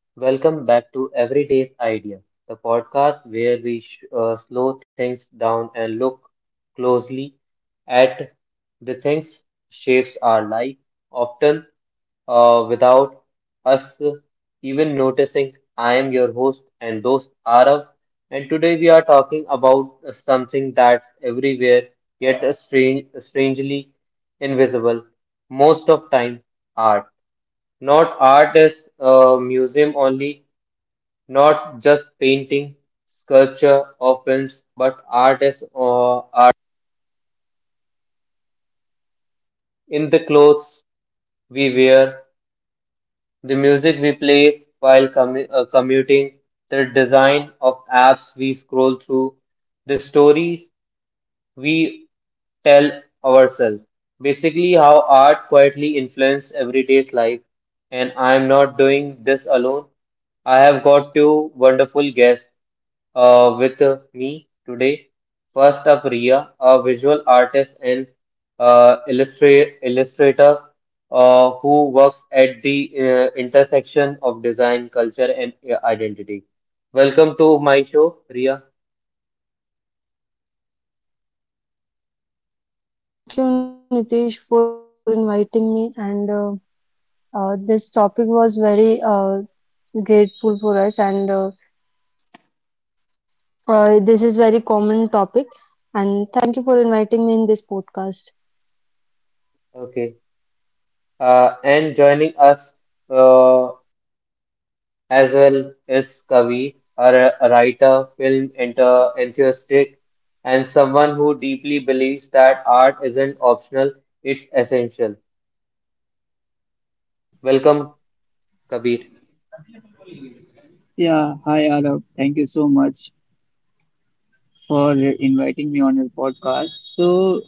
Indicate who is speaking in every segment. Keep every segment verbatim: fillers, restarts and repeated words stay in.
Speaker 1: Welcome back to Everyday's Idea, the podcast where we sh- uh, slow things down and look closely at the things shapes our life, often uh, without us even noticing. I am your host and host Arav, and today we are talking about something that's everywhere yet strange, strangely invisible most of time art. Not art as a museum only, not just painting, sculpture, or films, but art as uh, art in the clothes we wear, the music we play while commu- uh, commuting, the design of apps we scroll through, the stories we tell ourselves. Basically, how art quietly influences everyday's life. And I am not doing this alone. I have got two wonderful guests uh, with uh, me today. First up, Ria, a visual artist and uh, illustrate, illustrator uh, who works at the uh, intersection of design, culture, and uh, identity. Welcome to my show, Ria.
Speaker 2: Thank you, thank you, Nitish, for inviting me. And uh, uh, This topic was very uh, grateful for us, and uh, uh, this is very common topic. And thank you for inviting me in this podcast.
Speaker 1: Okay. Uh, and joining us uh, as well is Kavi, a, r- a writer, film enter, enthusiast, and someone who deeply believes that art isn't optional, it's essential. Welcome, Kabir.
Speaker 3: Yeah, hi Arab. Thank you so much for inviting me on your podcast. So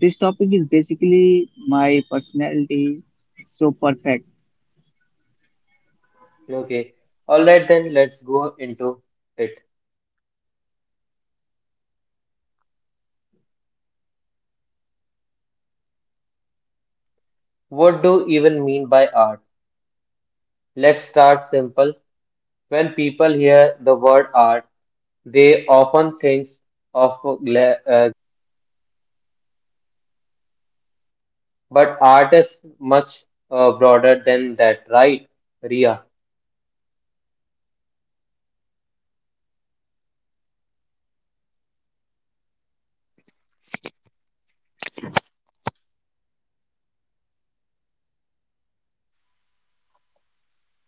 Speaker 3: this topic is basically my personality so perfect.
Speaker 1: Okay, all right, then let's go into it. What do even mean by art? Let's start simple. When people hear the word art, they often think of gla- uh, but art is much uh, broader than that, right, Ria?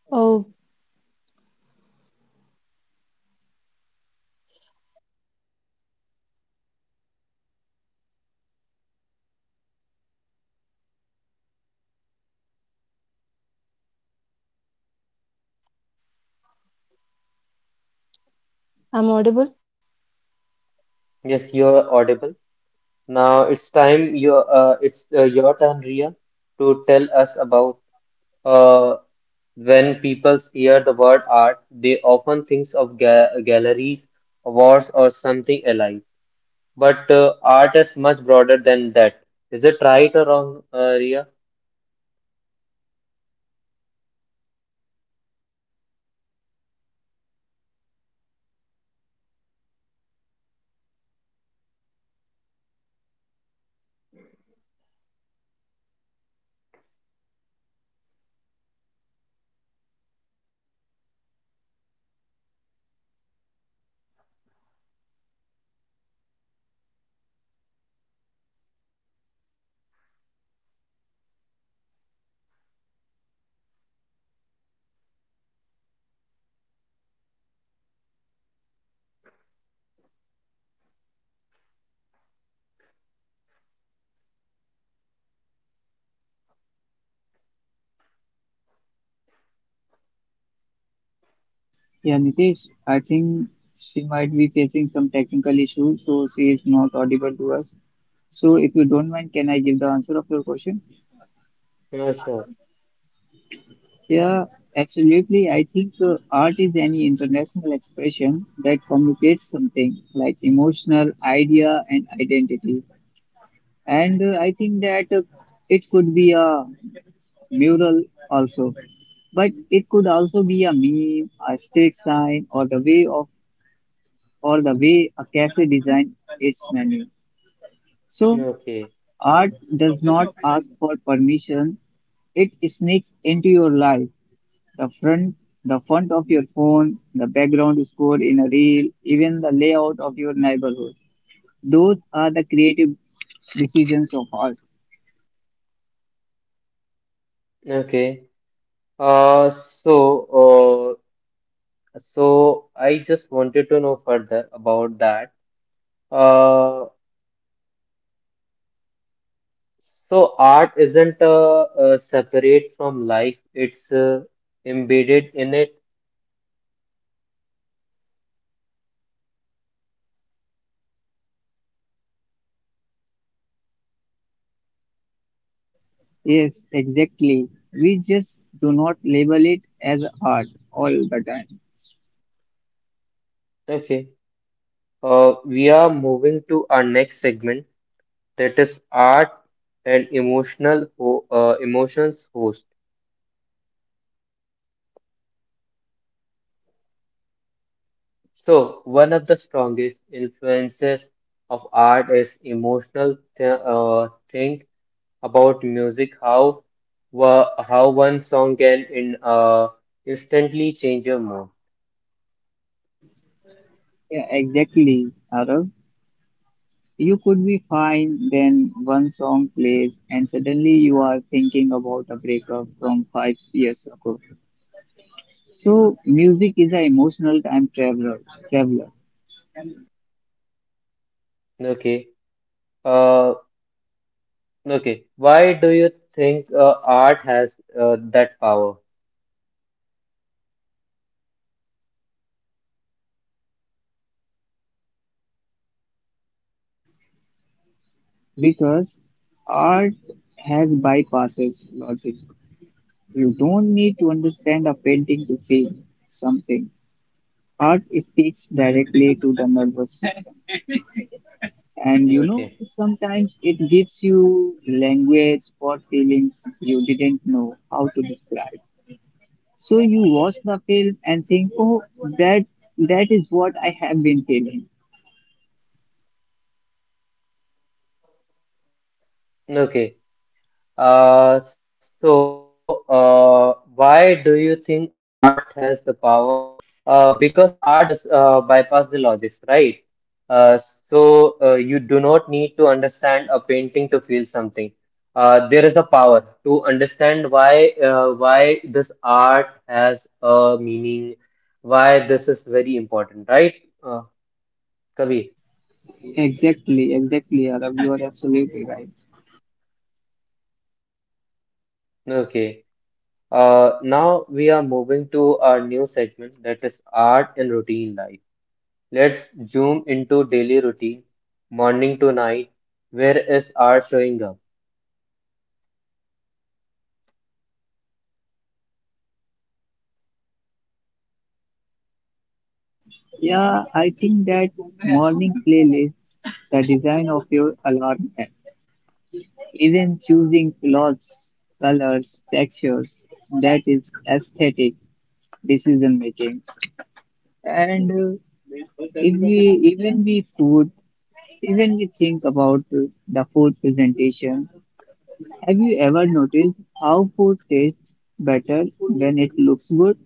Speaker 2: Oh, I'm audible.
Speaker 1: Yes, you're audible. Now it's time your uh, it's uh, your turn, Ria, to tell us about uh, when people hear the word art, they often think of ga galleries, awards, or something alike. But uh, art is much broader than that. Is it right or wrong, uh, Ria?
Speaker 3: Yeah, Nitesh, I think she might be facing some technical issues, so she is not audible to us. So if you don't mind, can I give the answer of your question?
Speaker 1: No, sure.
Speaker 3: Yeah, absolutely. I think uh, art is any international expression that communicates something like emotional idea and identity. and uh, i think that uh, it could be a mural also, but it could also be a meme, a street sign, or the way of or the way a cafe design its menu. So
Speaker 1: Okay.
Speaker 3: art does not ask for permission, it sneaks into your life, the front the front of your phone, the background score in a reel, even the layout of your neighborhood. Those are the creative decisions of art.
Speaker 1: Okay. Uh, so, uh, So I just wanted to know further about that. Uh, so art isn't uh, uh, separate from life, it's uh, embedded in it.
Speaker 3: Yes, exactly. We just do not label it as art all the time.
Speaker 1: Okay. Uh, we are moving to our next segment that is art and emotional ho uh, emotions host. So one of the strongest influences of art is emotional th uh, thing about music, how wa- how one song can in uh, instantly change your mood.
Speaker 3: Yeah, exactly, Arav. You could be fine, then one song plays, and suddenly you are thinking about a breakup from five years ago. So, music is an emotional time traveler, traveler
Speaker 1: Okay. Uh, okay. Why do you think uh, art has uh, that power?
Speaker 3: because art has bypasses logic. You don't need to understand a painting to feel something. Art speaks directly to the nervous system. And you know,
Speaker 1: Okay.
Speaker 3: sometimes it gives you language for feelings you didn't know how to describe. So you watch the film and think, oh, that that is what I have been feeling.
Speaker 1: Okay. Uh, so, uh, why do you think art has the power? Uh, because art bypass uh, bypass the logics, right? Uh, so uh, you do not need to understand a painting to feel something. Uh, there is a power to understand why uh, why this art has a meaning, why this is very important, right? Uh, Kavi,
Speaker 3: Exactly, exactly, Arab. You are absolutely right.
Speaker 1: okay. Uh, now we are moving to our new segment that is art in routine life. Let's zoom into daily routine, morning to night. Where is art showing up?
Speaker 3: Yeah, I think that morning playlists, the design of your alarm app, even choosing clothes, colors, textures, that is aesthetic decision making. And. Uh, If we even we food, even we think about uh, the food presentation. Have you ever noticed how food tastes better when it looks good?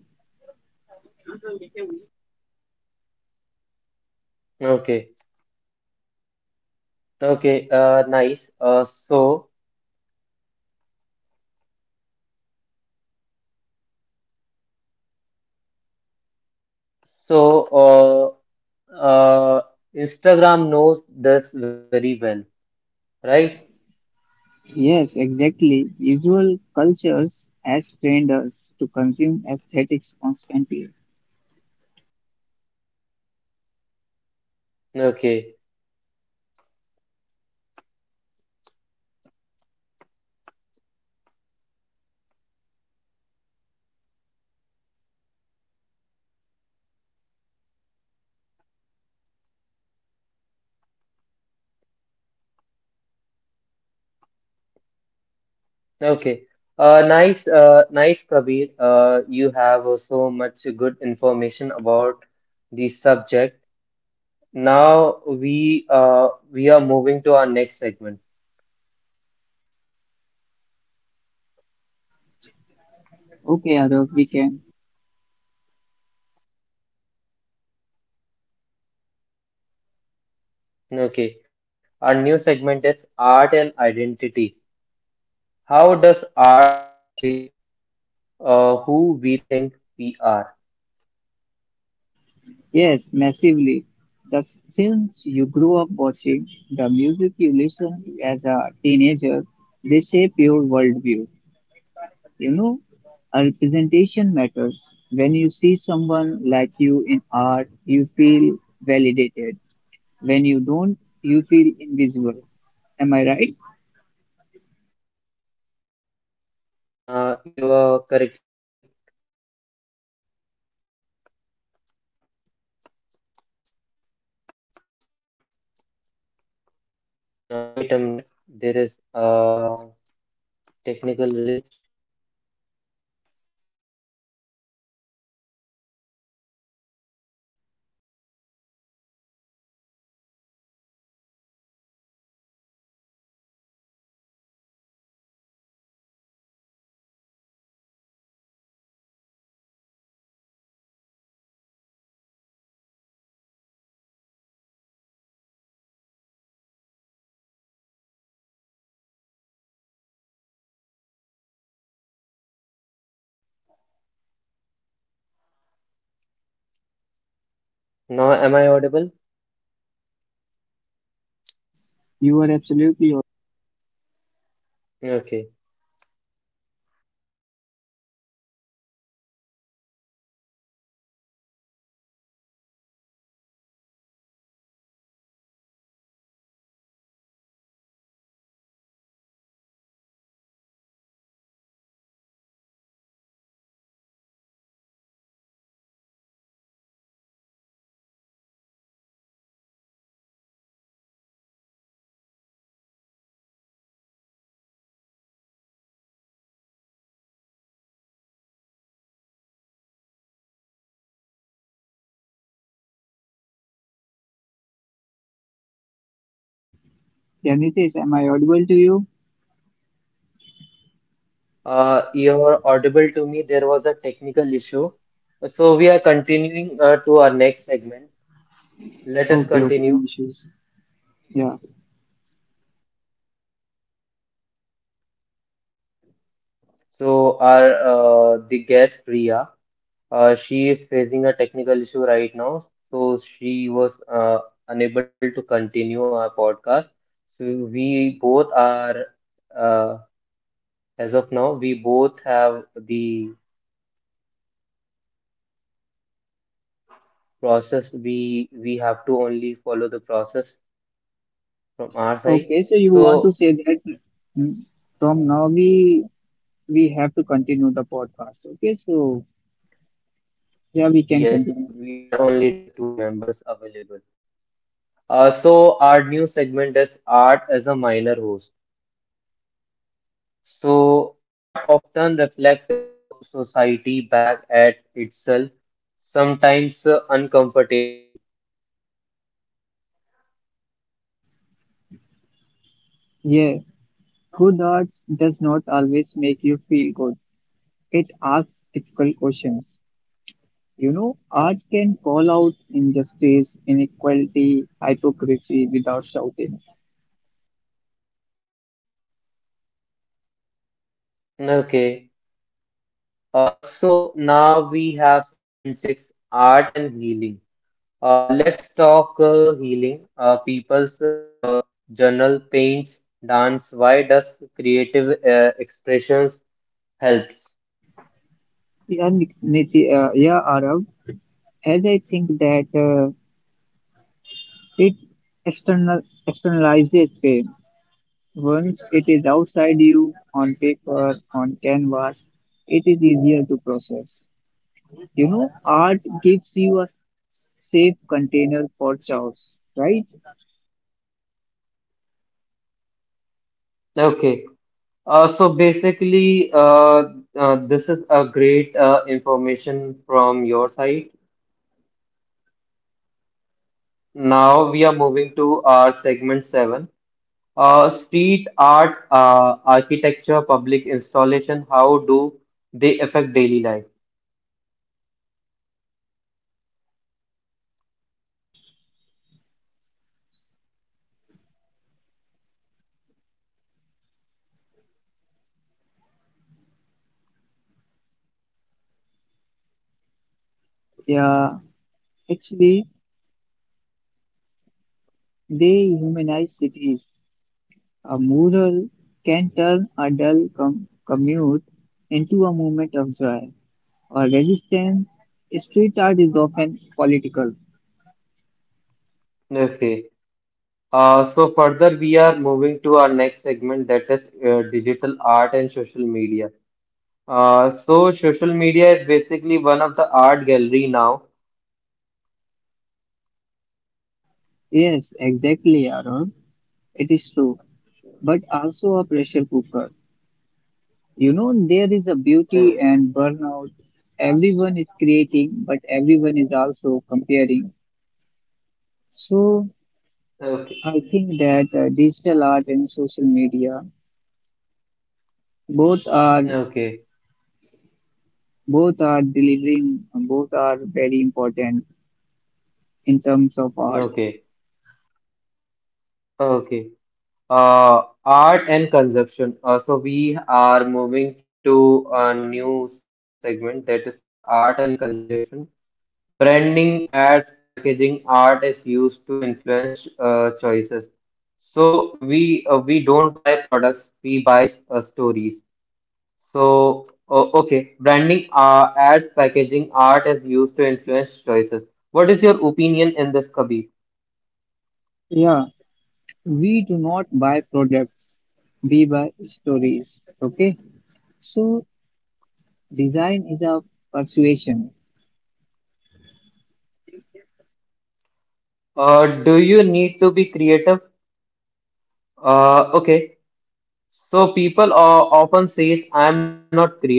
Speaker 1: Okay, okay, uh, nice. Uh, so, so, uh, uh, Instagram knows this very well, right?
Speaker 3: Yes, exactly. Visual cultures has trained us to consume aesthetics constantly.
Speaker 1: Okay, okay. Uh, nice, uh, nice, Kabir. Uh, you have uh, so much good information about the subject. Now we uh, we are moving to our next segment.
Speaker 3: Okay, Arav, we can.
Speaker 1: Okay, our new segment is art and identity. How does art shape uh, who we think we are?
Speaker 3: Yes, massively. The films you grew up watching, the music you listened to as a teenager, they shape your worldview. You know, a representation matters. When you see someone like you in art, you feel validated. When you don't, you feel invisible. Am I right?
Speaker 1: Uh, you are correctly right. Now wait a minute. There is a technical glitch.
Speaker 4: Now, am I audible?
Speaker 3: You are absolutely right.
Speaker 4: Okay.
Speaker 3: Janice, am I audible to you?
Speaker 4: Uh, you're audible to me. There was a technical issue. So, we are continuing uh, to our next segment. Let us
Speaker 3: Okay, okay,
Speaker 4: continue.
Speaker 3: no issues. Yeah.
Speaker 4: So, our uh, the guest Priya, uh, she is facing a technical issue right now. So, she was uh, unable to continue our podcast. So, we both are, uh, as of now, we both have the process. We we have to only follow the process from our side.
Speaker 3: Okay, so you want to
Speaker 4: So,
Speaker 3: say that mm, from now we we have to continue the podcast. Okay, so yeah,
Speaker 4: yes,
Speaker 3: we can
Speaker 4: we are
Speaker 3: continue.
Speaker 4: only the two members available. Uh, so, our new segment is Art as a Minor Host. So, art often reflects a so society back at itself, sometimes uh, uncomfortably.
Speaker 3: Yeah, good arts does not always make you feel good. It asks difficult questions. You know, art can call out injustice, inequality, hypocrisy without shouting.
Speaker 4: Okay. Uh, so, now we have segment six, Art and Healing. Uh, let's talk uh, healing. Uh, People's uh, uh, Journal paints dance. Why does creative uh, expressions helps?
Speaker 3: Yeah, Nik- Niti, uh, yeah, Arav, as I think that uh, it external externalizes pain. Once it is outside you, on paper, on canvas, it is easier to process. You know, art gives you a safe container for chaos, right?
Speaker 4: Okay. Uh, so basically, uh, uh, this is a great uh, information from your side. Now we are moving to our segment seven. Uh, street art, uh, architecture, public installation. How do they affect daily life?
Speaker 3: Yeah, actually, they humanize cities. A mural can turn a dull com- commute into a moment of joy or resistance. Street art is often political.
Speaker 4: Okay. Uh, so further, we are moving to our next segment, that is uh, digital art and social media. Uh, so social media is basically one of the art gallery now.
Speaker 3: Yes, exactly, Aaron. It is true, but also a pressure cooker. You know, there is a
Speaker 4: No,
Speaker 3: beauty and burnout. Everyone is creating, but everyone is also comparing. So
Speaker 4: okay,
Speaker 3: I think that uh, digital art and social media both are
Speaker 4: okay,
Speaker 3: both are delivering, both are very important in terms of art.
Speaker 4: okay, okay. Uh, art and consumption. Uh, so we are moving to a new segment, that is art and consumption. Branding, ads, packaging, art is used to influence uh, choices. So we uh, we don't buy products, we buy uh, stories. So uh, okay, branding, uh, ads, packaging, art is used to influence choices. What is your opinion in this, Kabir?
Speaker 3: Yeah, we do not buy products, we buy stories. Okay, so design is a persuasion.
Speaker 4: Uh, do you need to be creative? Uh, okay. So people o- often says I'm not creative.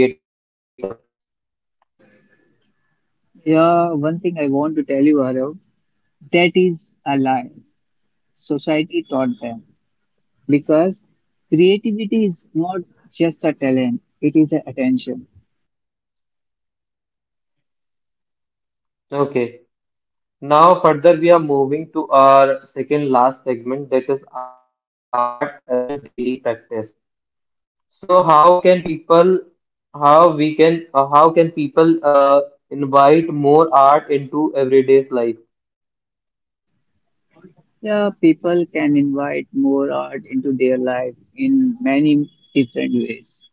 Speaker 3: Yeah, one thing I want to tell you, Arav, that is a lie. Society taught them because creativity is not just a talent, it is an attention.
Speaker 4: Okay. Now further we are moving to our second last segment, that is art as a daily practice. So how can people how we can uh, how can people uh, invite more art into everyday's life?
Speaker 3: Yeah, people can invite more art into their life in many different ways.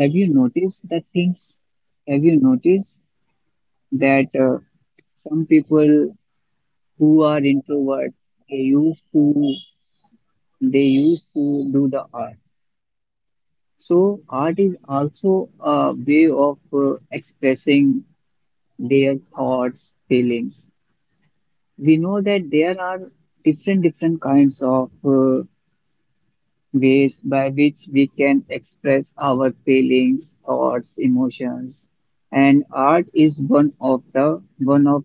Speaker 3: Have you noticed that things? Have you noticed that uh, some people who are introvert, they used to they used to do the art. So art is also a way of uh, expressing their thoughts, feelings. We know that there are different different kinds of uh, ways by which we can express our feelings, thoughts, emotions, and art is one of the one of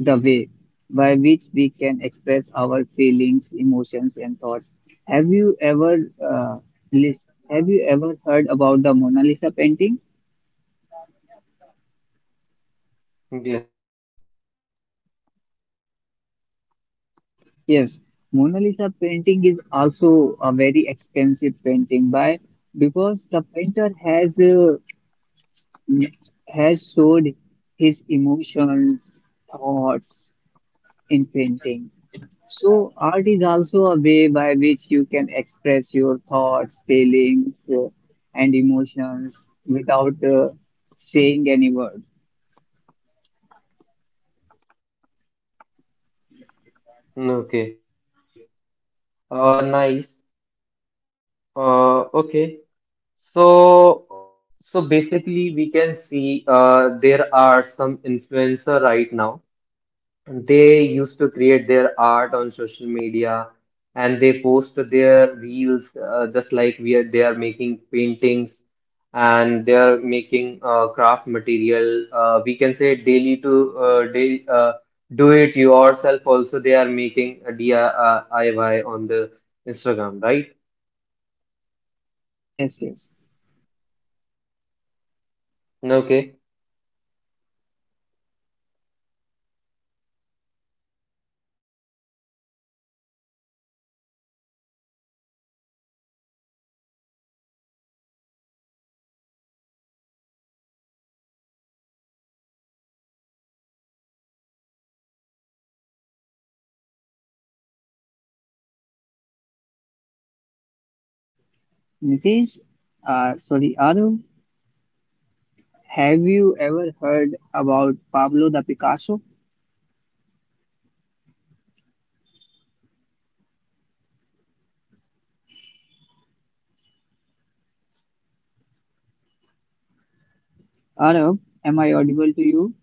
Speaker 3: the way by which we can express our feelings, emotions, and thoughts. Have you ever uh, lis- Have you ever heard about the Mona Lisa painting?
Speaker 4: Yes.
Speaker 3: Yes, Mona Lisa painting is also a very expensive painting by because the painter has uh, mm, has showed his emotions, thoughts in painting. So, art is also a way by which you can express your thoughts, feelings, uh, and emotions without uh, saying any word.
Speaker 4: Okay. Uh, nice. Uh, okay. So so basically we can see uh, there are some influencer right now. They used to create their art on social media and they post their reels, uh, just like we are, they are making paintings and they are making uh, craft material. Uh, we can say daily to uh, day, uh, do it yourself, also they are making a D I Y on the Instagram, right?
Speaker 3: Yes, yes.
Speaker 4: Okay.
Speaker 3: Nitish, uh, sorry, Arab, have you ever heard about Pablo the Picasso? Arab, am I audible to you?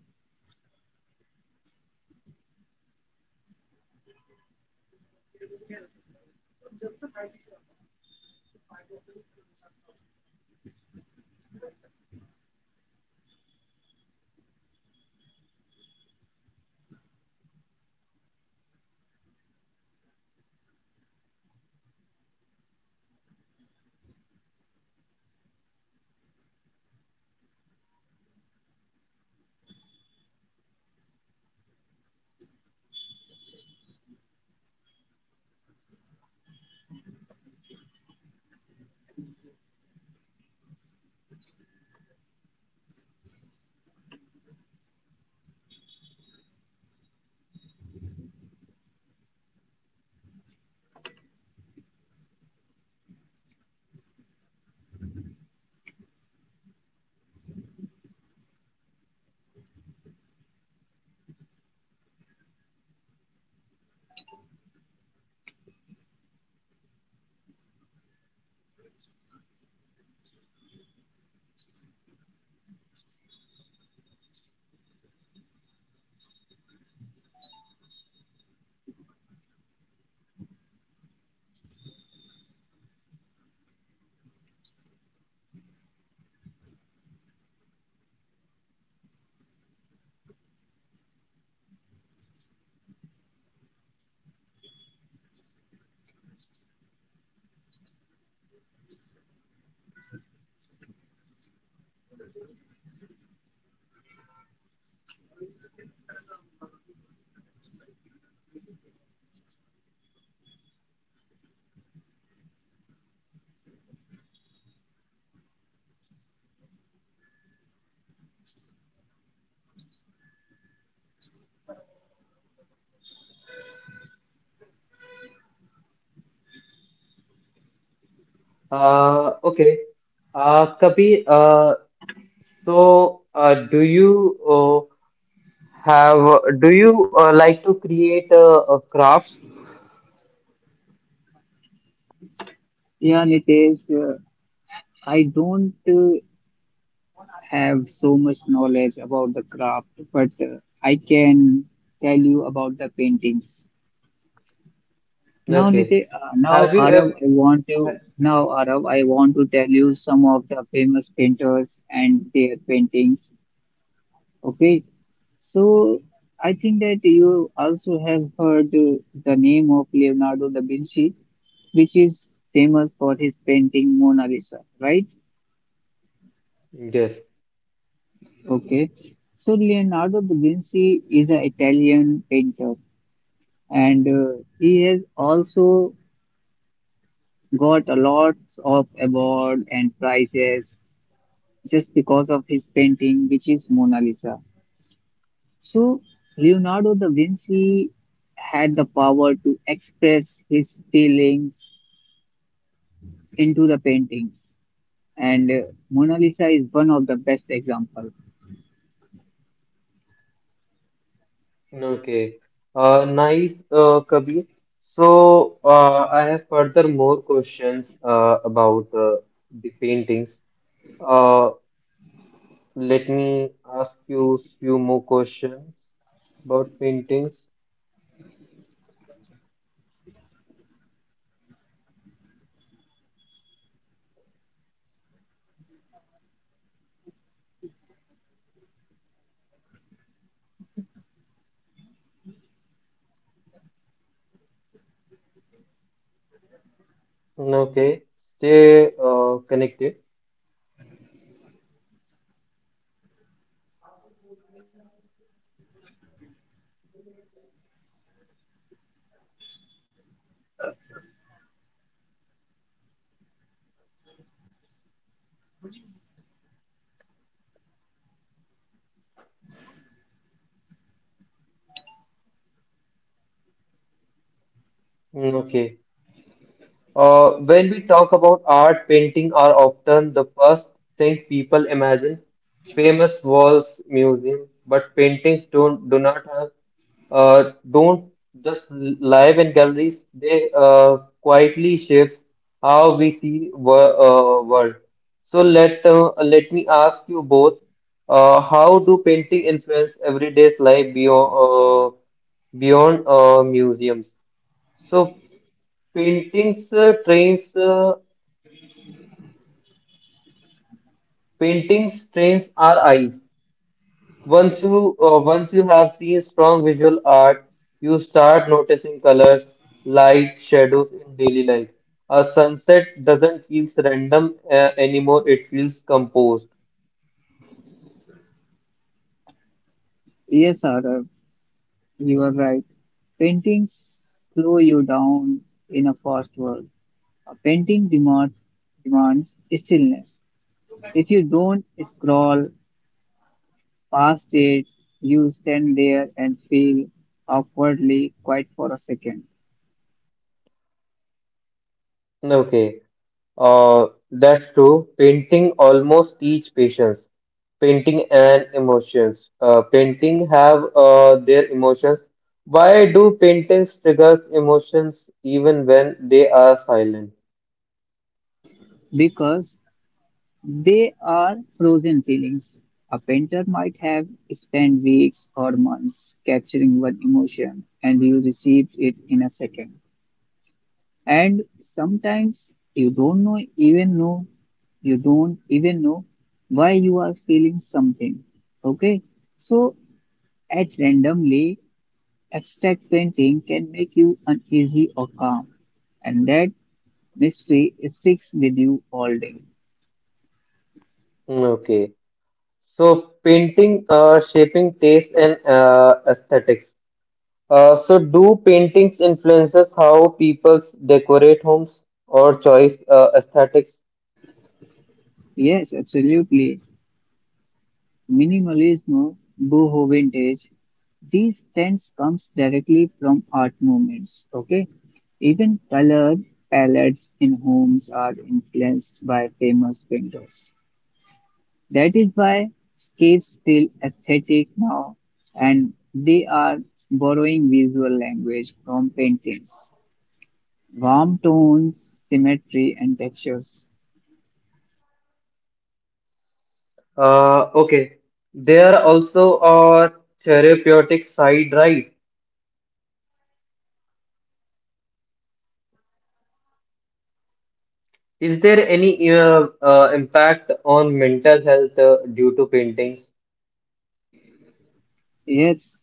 Speaker 4: Uh, okay. Uh, Kabir, uh, so uh, do you uh, have do you uh, like to create uh, uh, crafts?
Speaker 3: Yeah, Nitish, uh, I don't uh, have so much knowledge about the craft, but uh, I can tell you about the paintings. Now, Niti,
Speaker 4: Okay.
Speaker 3: uh, now
Speaker 4: Have you
Speaker 3: Arav, I
Speaker 4: ever?
Speaker 3: want to now Arav, I want to tell you some of the famous painters and their paintings. Okay, so I think that you also have heard uh, the name of Leonardo da Vinci, which is famous for his painting Mona Lisa, right?
Speaker 4: Yes.
Speaker 3: Okay, so Leonardo da Vinci is an Italian painter, and uh, he has also got a lot of award and prizes just because of his painting, which is Mona Lisa. So, Leonardo da Vinci had the power to express his feelings into the paintings, and uh, Mona Lisa is one of the best example.
Speaker 4: Okay. Uh, nice, uh, Kabir. So uh, I have further more questions uh, about uh, the paintings. Uh, Let me ask you few more questions about paintings. Okay. Stay uh, connected. Okay. Uh, when we talk about art, painting are often the first thing people imagine. Famous walls, museum, but paintings don't do not have uh, don't just live in galleries. They uh, quietly shape how we see wor uh, world. So let uh, let me ask you both, uh, how do painting influence everyday's life beyond uh, beyond uh, museums? So Paintings uh, trains uh, paintings trains our eyes. Once you uh, once you have seen strong visual art, you start noticing colors, light, shadows in daily life. A sunset doesn't feel random uh, anymore; it feels composed.
Speaker 3: Yes, Arav, you are right. Paintings slow you down in a fast world. A painting demands demands stillness. If you don't scroll past it, you stand there and feel awkwardly quiet for a second
Speaker 4: Okay. Uh, that's true. Painting almost teach patience. Painting and emotions. Uh, painting have uh, their emotions. Why do paintings triggers emotions even when they are silent?
Speaker 3: because they are frozen feelings. A painter might have spent weeks or months capturing one emotion and you received it in a second. And sometimes you don't know even know you don't even know why you are feeling something. Okay, so at randomly abstract painting can make you uneasy or calm, and that mystery sticks with you all day.
Speaker 4: Hmm. Okay. So painting uh, shaping taste and uh, aesthetics. Uh, so do paintings influences how people decorate homes or choice uh, aesthetics?
Speaker 3: Yes, absolutely. Minimalism, boho vintage, these trends comes directly from art movements. Okay, even color palettes in homes are influenced by famous painters. That is why caves feel aesthetic now, and they are borrowing visual language from paintings. Warm tones, symmetry, and textures.
Speaker 4: Uh, okay. There also are therapeutic side, right? Is there any uh, uh, impact on mental health uh, due to paintings?
Speaker 3: Yes,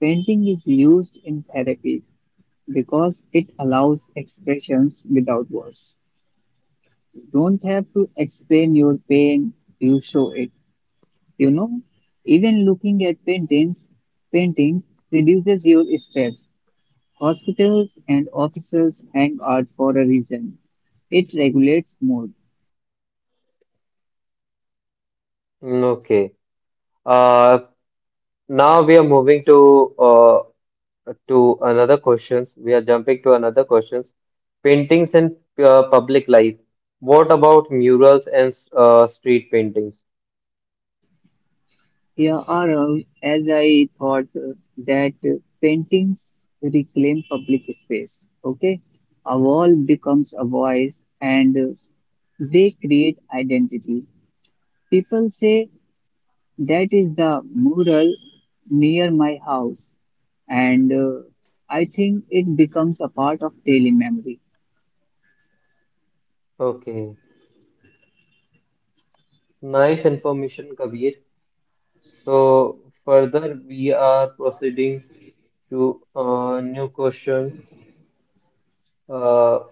Speaker 3: painting is used in therapy because it allows expressions without words. You don't have to explain your pain, you show it. You know, even looking at paintings, paintings reduces your stress. Hospitals and offices hang art for a reason. It regulates mood.
Speaker 4: Mm. Okay. Uh, Now we are moving to uh, to another questions. We are jumping to another questions. Paintings and uh, public life. What about murals and uh, street paintings?
Speaker 3: Yeah, Arav, as I thought uh, that uh, paintings reclaim public space. Okay, a wall becomes a voice, and uh, they create identity. People say that is the mural near my house, and uh, I think it becomes a part of daily memory.
Speaker 4: Okay. Nice information, Kabir. So further we are proceeding to uh, new questions. Uh,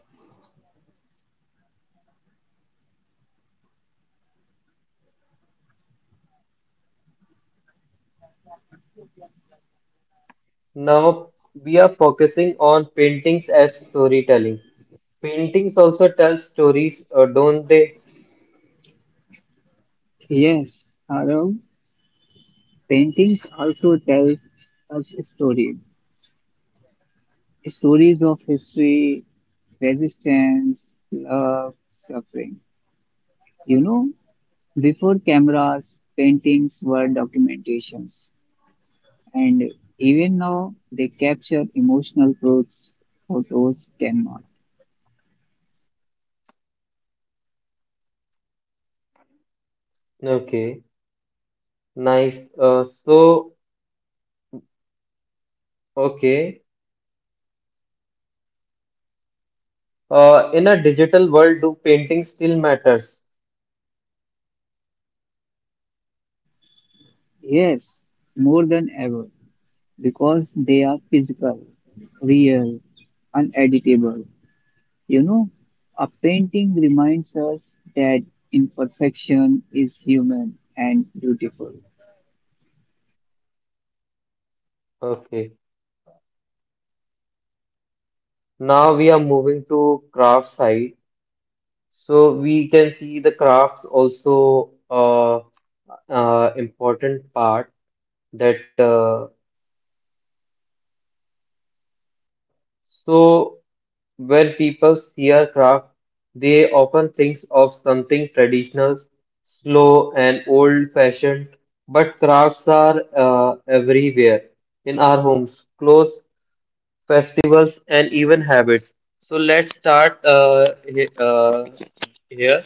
Speaker 4: Now we are focusing on paintings as storytelling. Paintings also tell stories, uh, don't they?
Speaker 3: Yes, Arav. Painting also tells us a story. Stories of history, resistance, love, suffering. You know, before cameras, paintings were documentations, and even now they capture emotional truths photos cannot.
Speaker 4: Okay, nice. Uh, so, okay. Uh, in a digital world, do paintings still matters?
Speaker 3: Yes, more than ever, because they are physical, real, uneditable. You know, a painting reminds us that imperfection is human and beautiful.
Speaker 4: Okay. Now we are moving to craft side. So we can see the crafts also uh, uh, important part that uh, so, when people see a craft, they often think of something traditional, slow, and old-fashioned. But crafts are uh, everywhere in our homes, clothes, festivals, and even habits. So let's start uh, he- uh, here.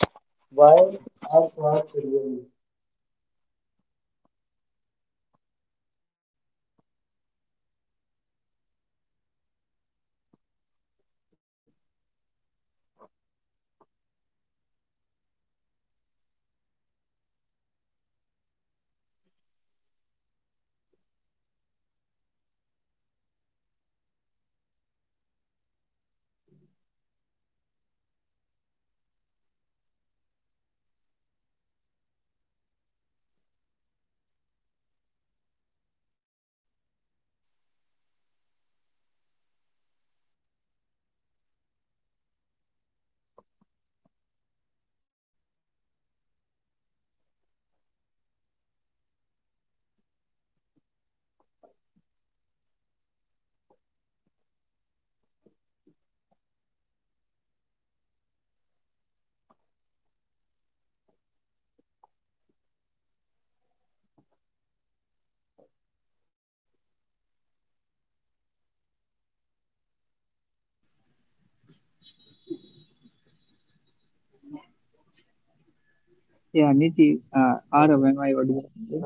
Speaker 3: Yeah, Niti, uh, Arav, am I audible to you?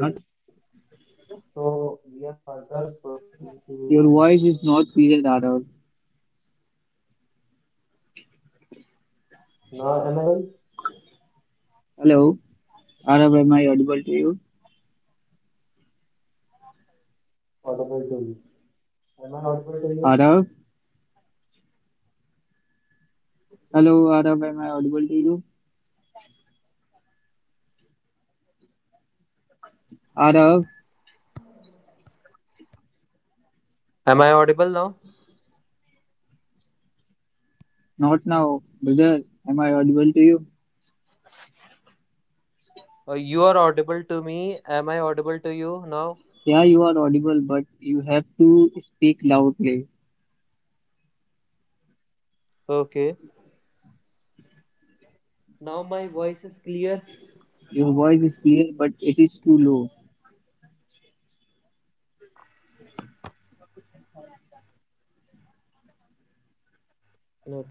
Speaker 3: Huh? Your voice is not clear, Arav. Hello, Arav, am I audible to you? Arav, hello, Arav, am I audible to you? Arav,
Speaker 4: Am I audible now?
Speaker 3: not now, brother, am I audible to you?
Speaker 4: Uh, you are audible to me. Am I audible to you now?
Speaker 3: Yeah, you are audible, but you have to speak loudly.
Speaker 4: Okay. Now my voice is clear.
Speaker 3: Your voice is clear, but it is too low.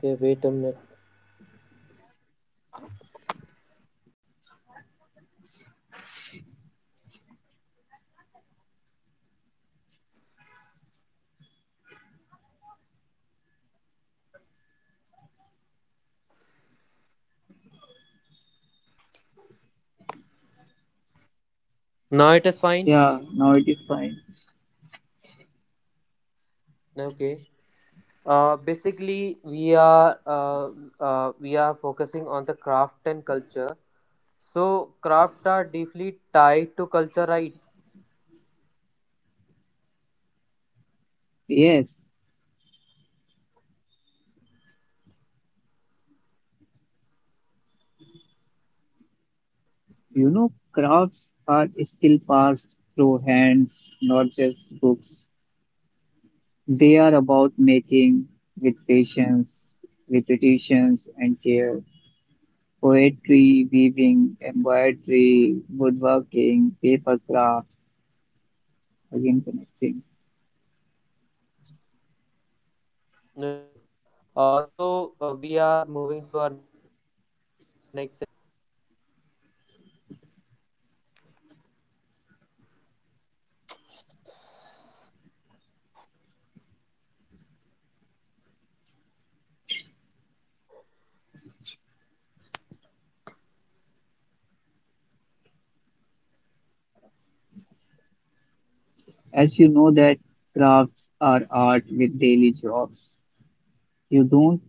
Speaker 4: Okay, wait a minute. Now it is fine.
Speaker 3: Yeah, now it is fine.
Speaker 4: Okay. Uh, basically, we are uh, uh, we are focusing on the craft and culture. So craft are deeply tied to culture, right?
Speaker 3: Yes, you know, crafts are still passed through hands, not just books. They are about making, with patience, repetitions, and care. Poetry, weaving, embroidery, woodworking, paper crafts, again connecting.
Speaker 4: Okay. Uh, so uh, we are moving.
Speaker 3: As you know that crafts are art with daily jobs. You don't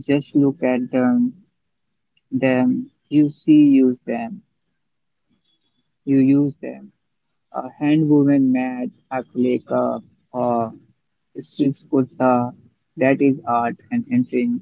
Speaker 3: just look at them, them, you see use them, you use them. A handwoven mat, acrylic cup, or stitched kurta, that is art and entering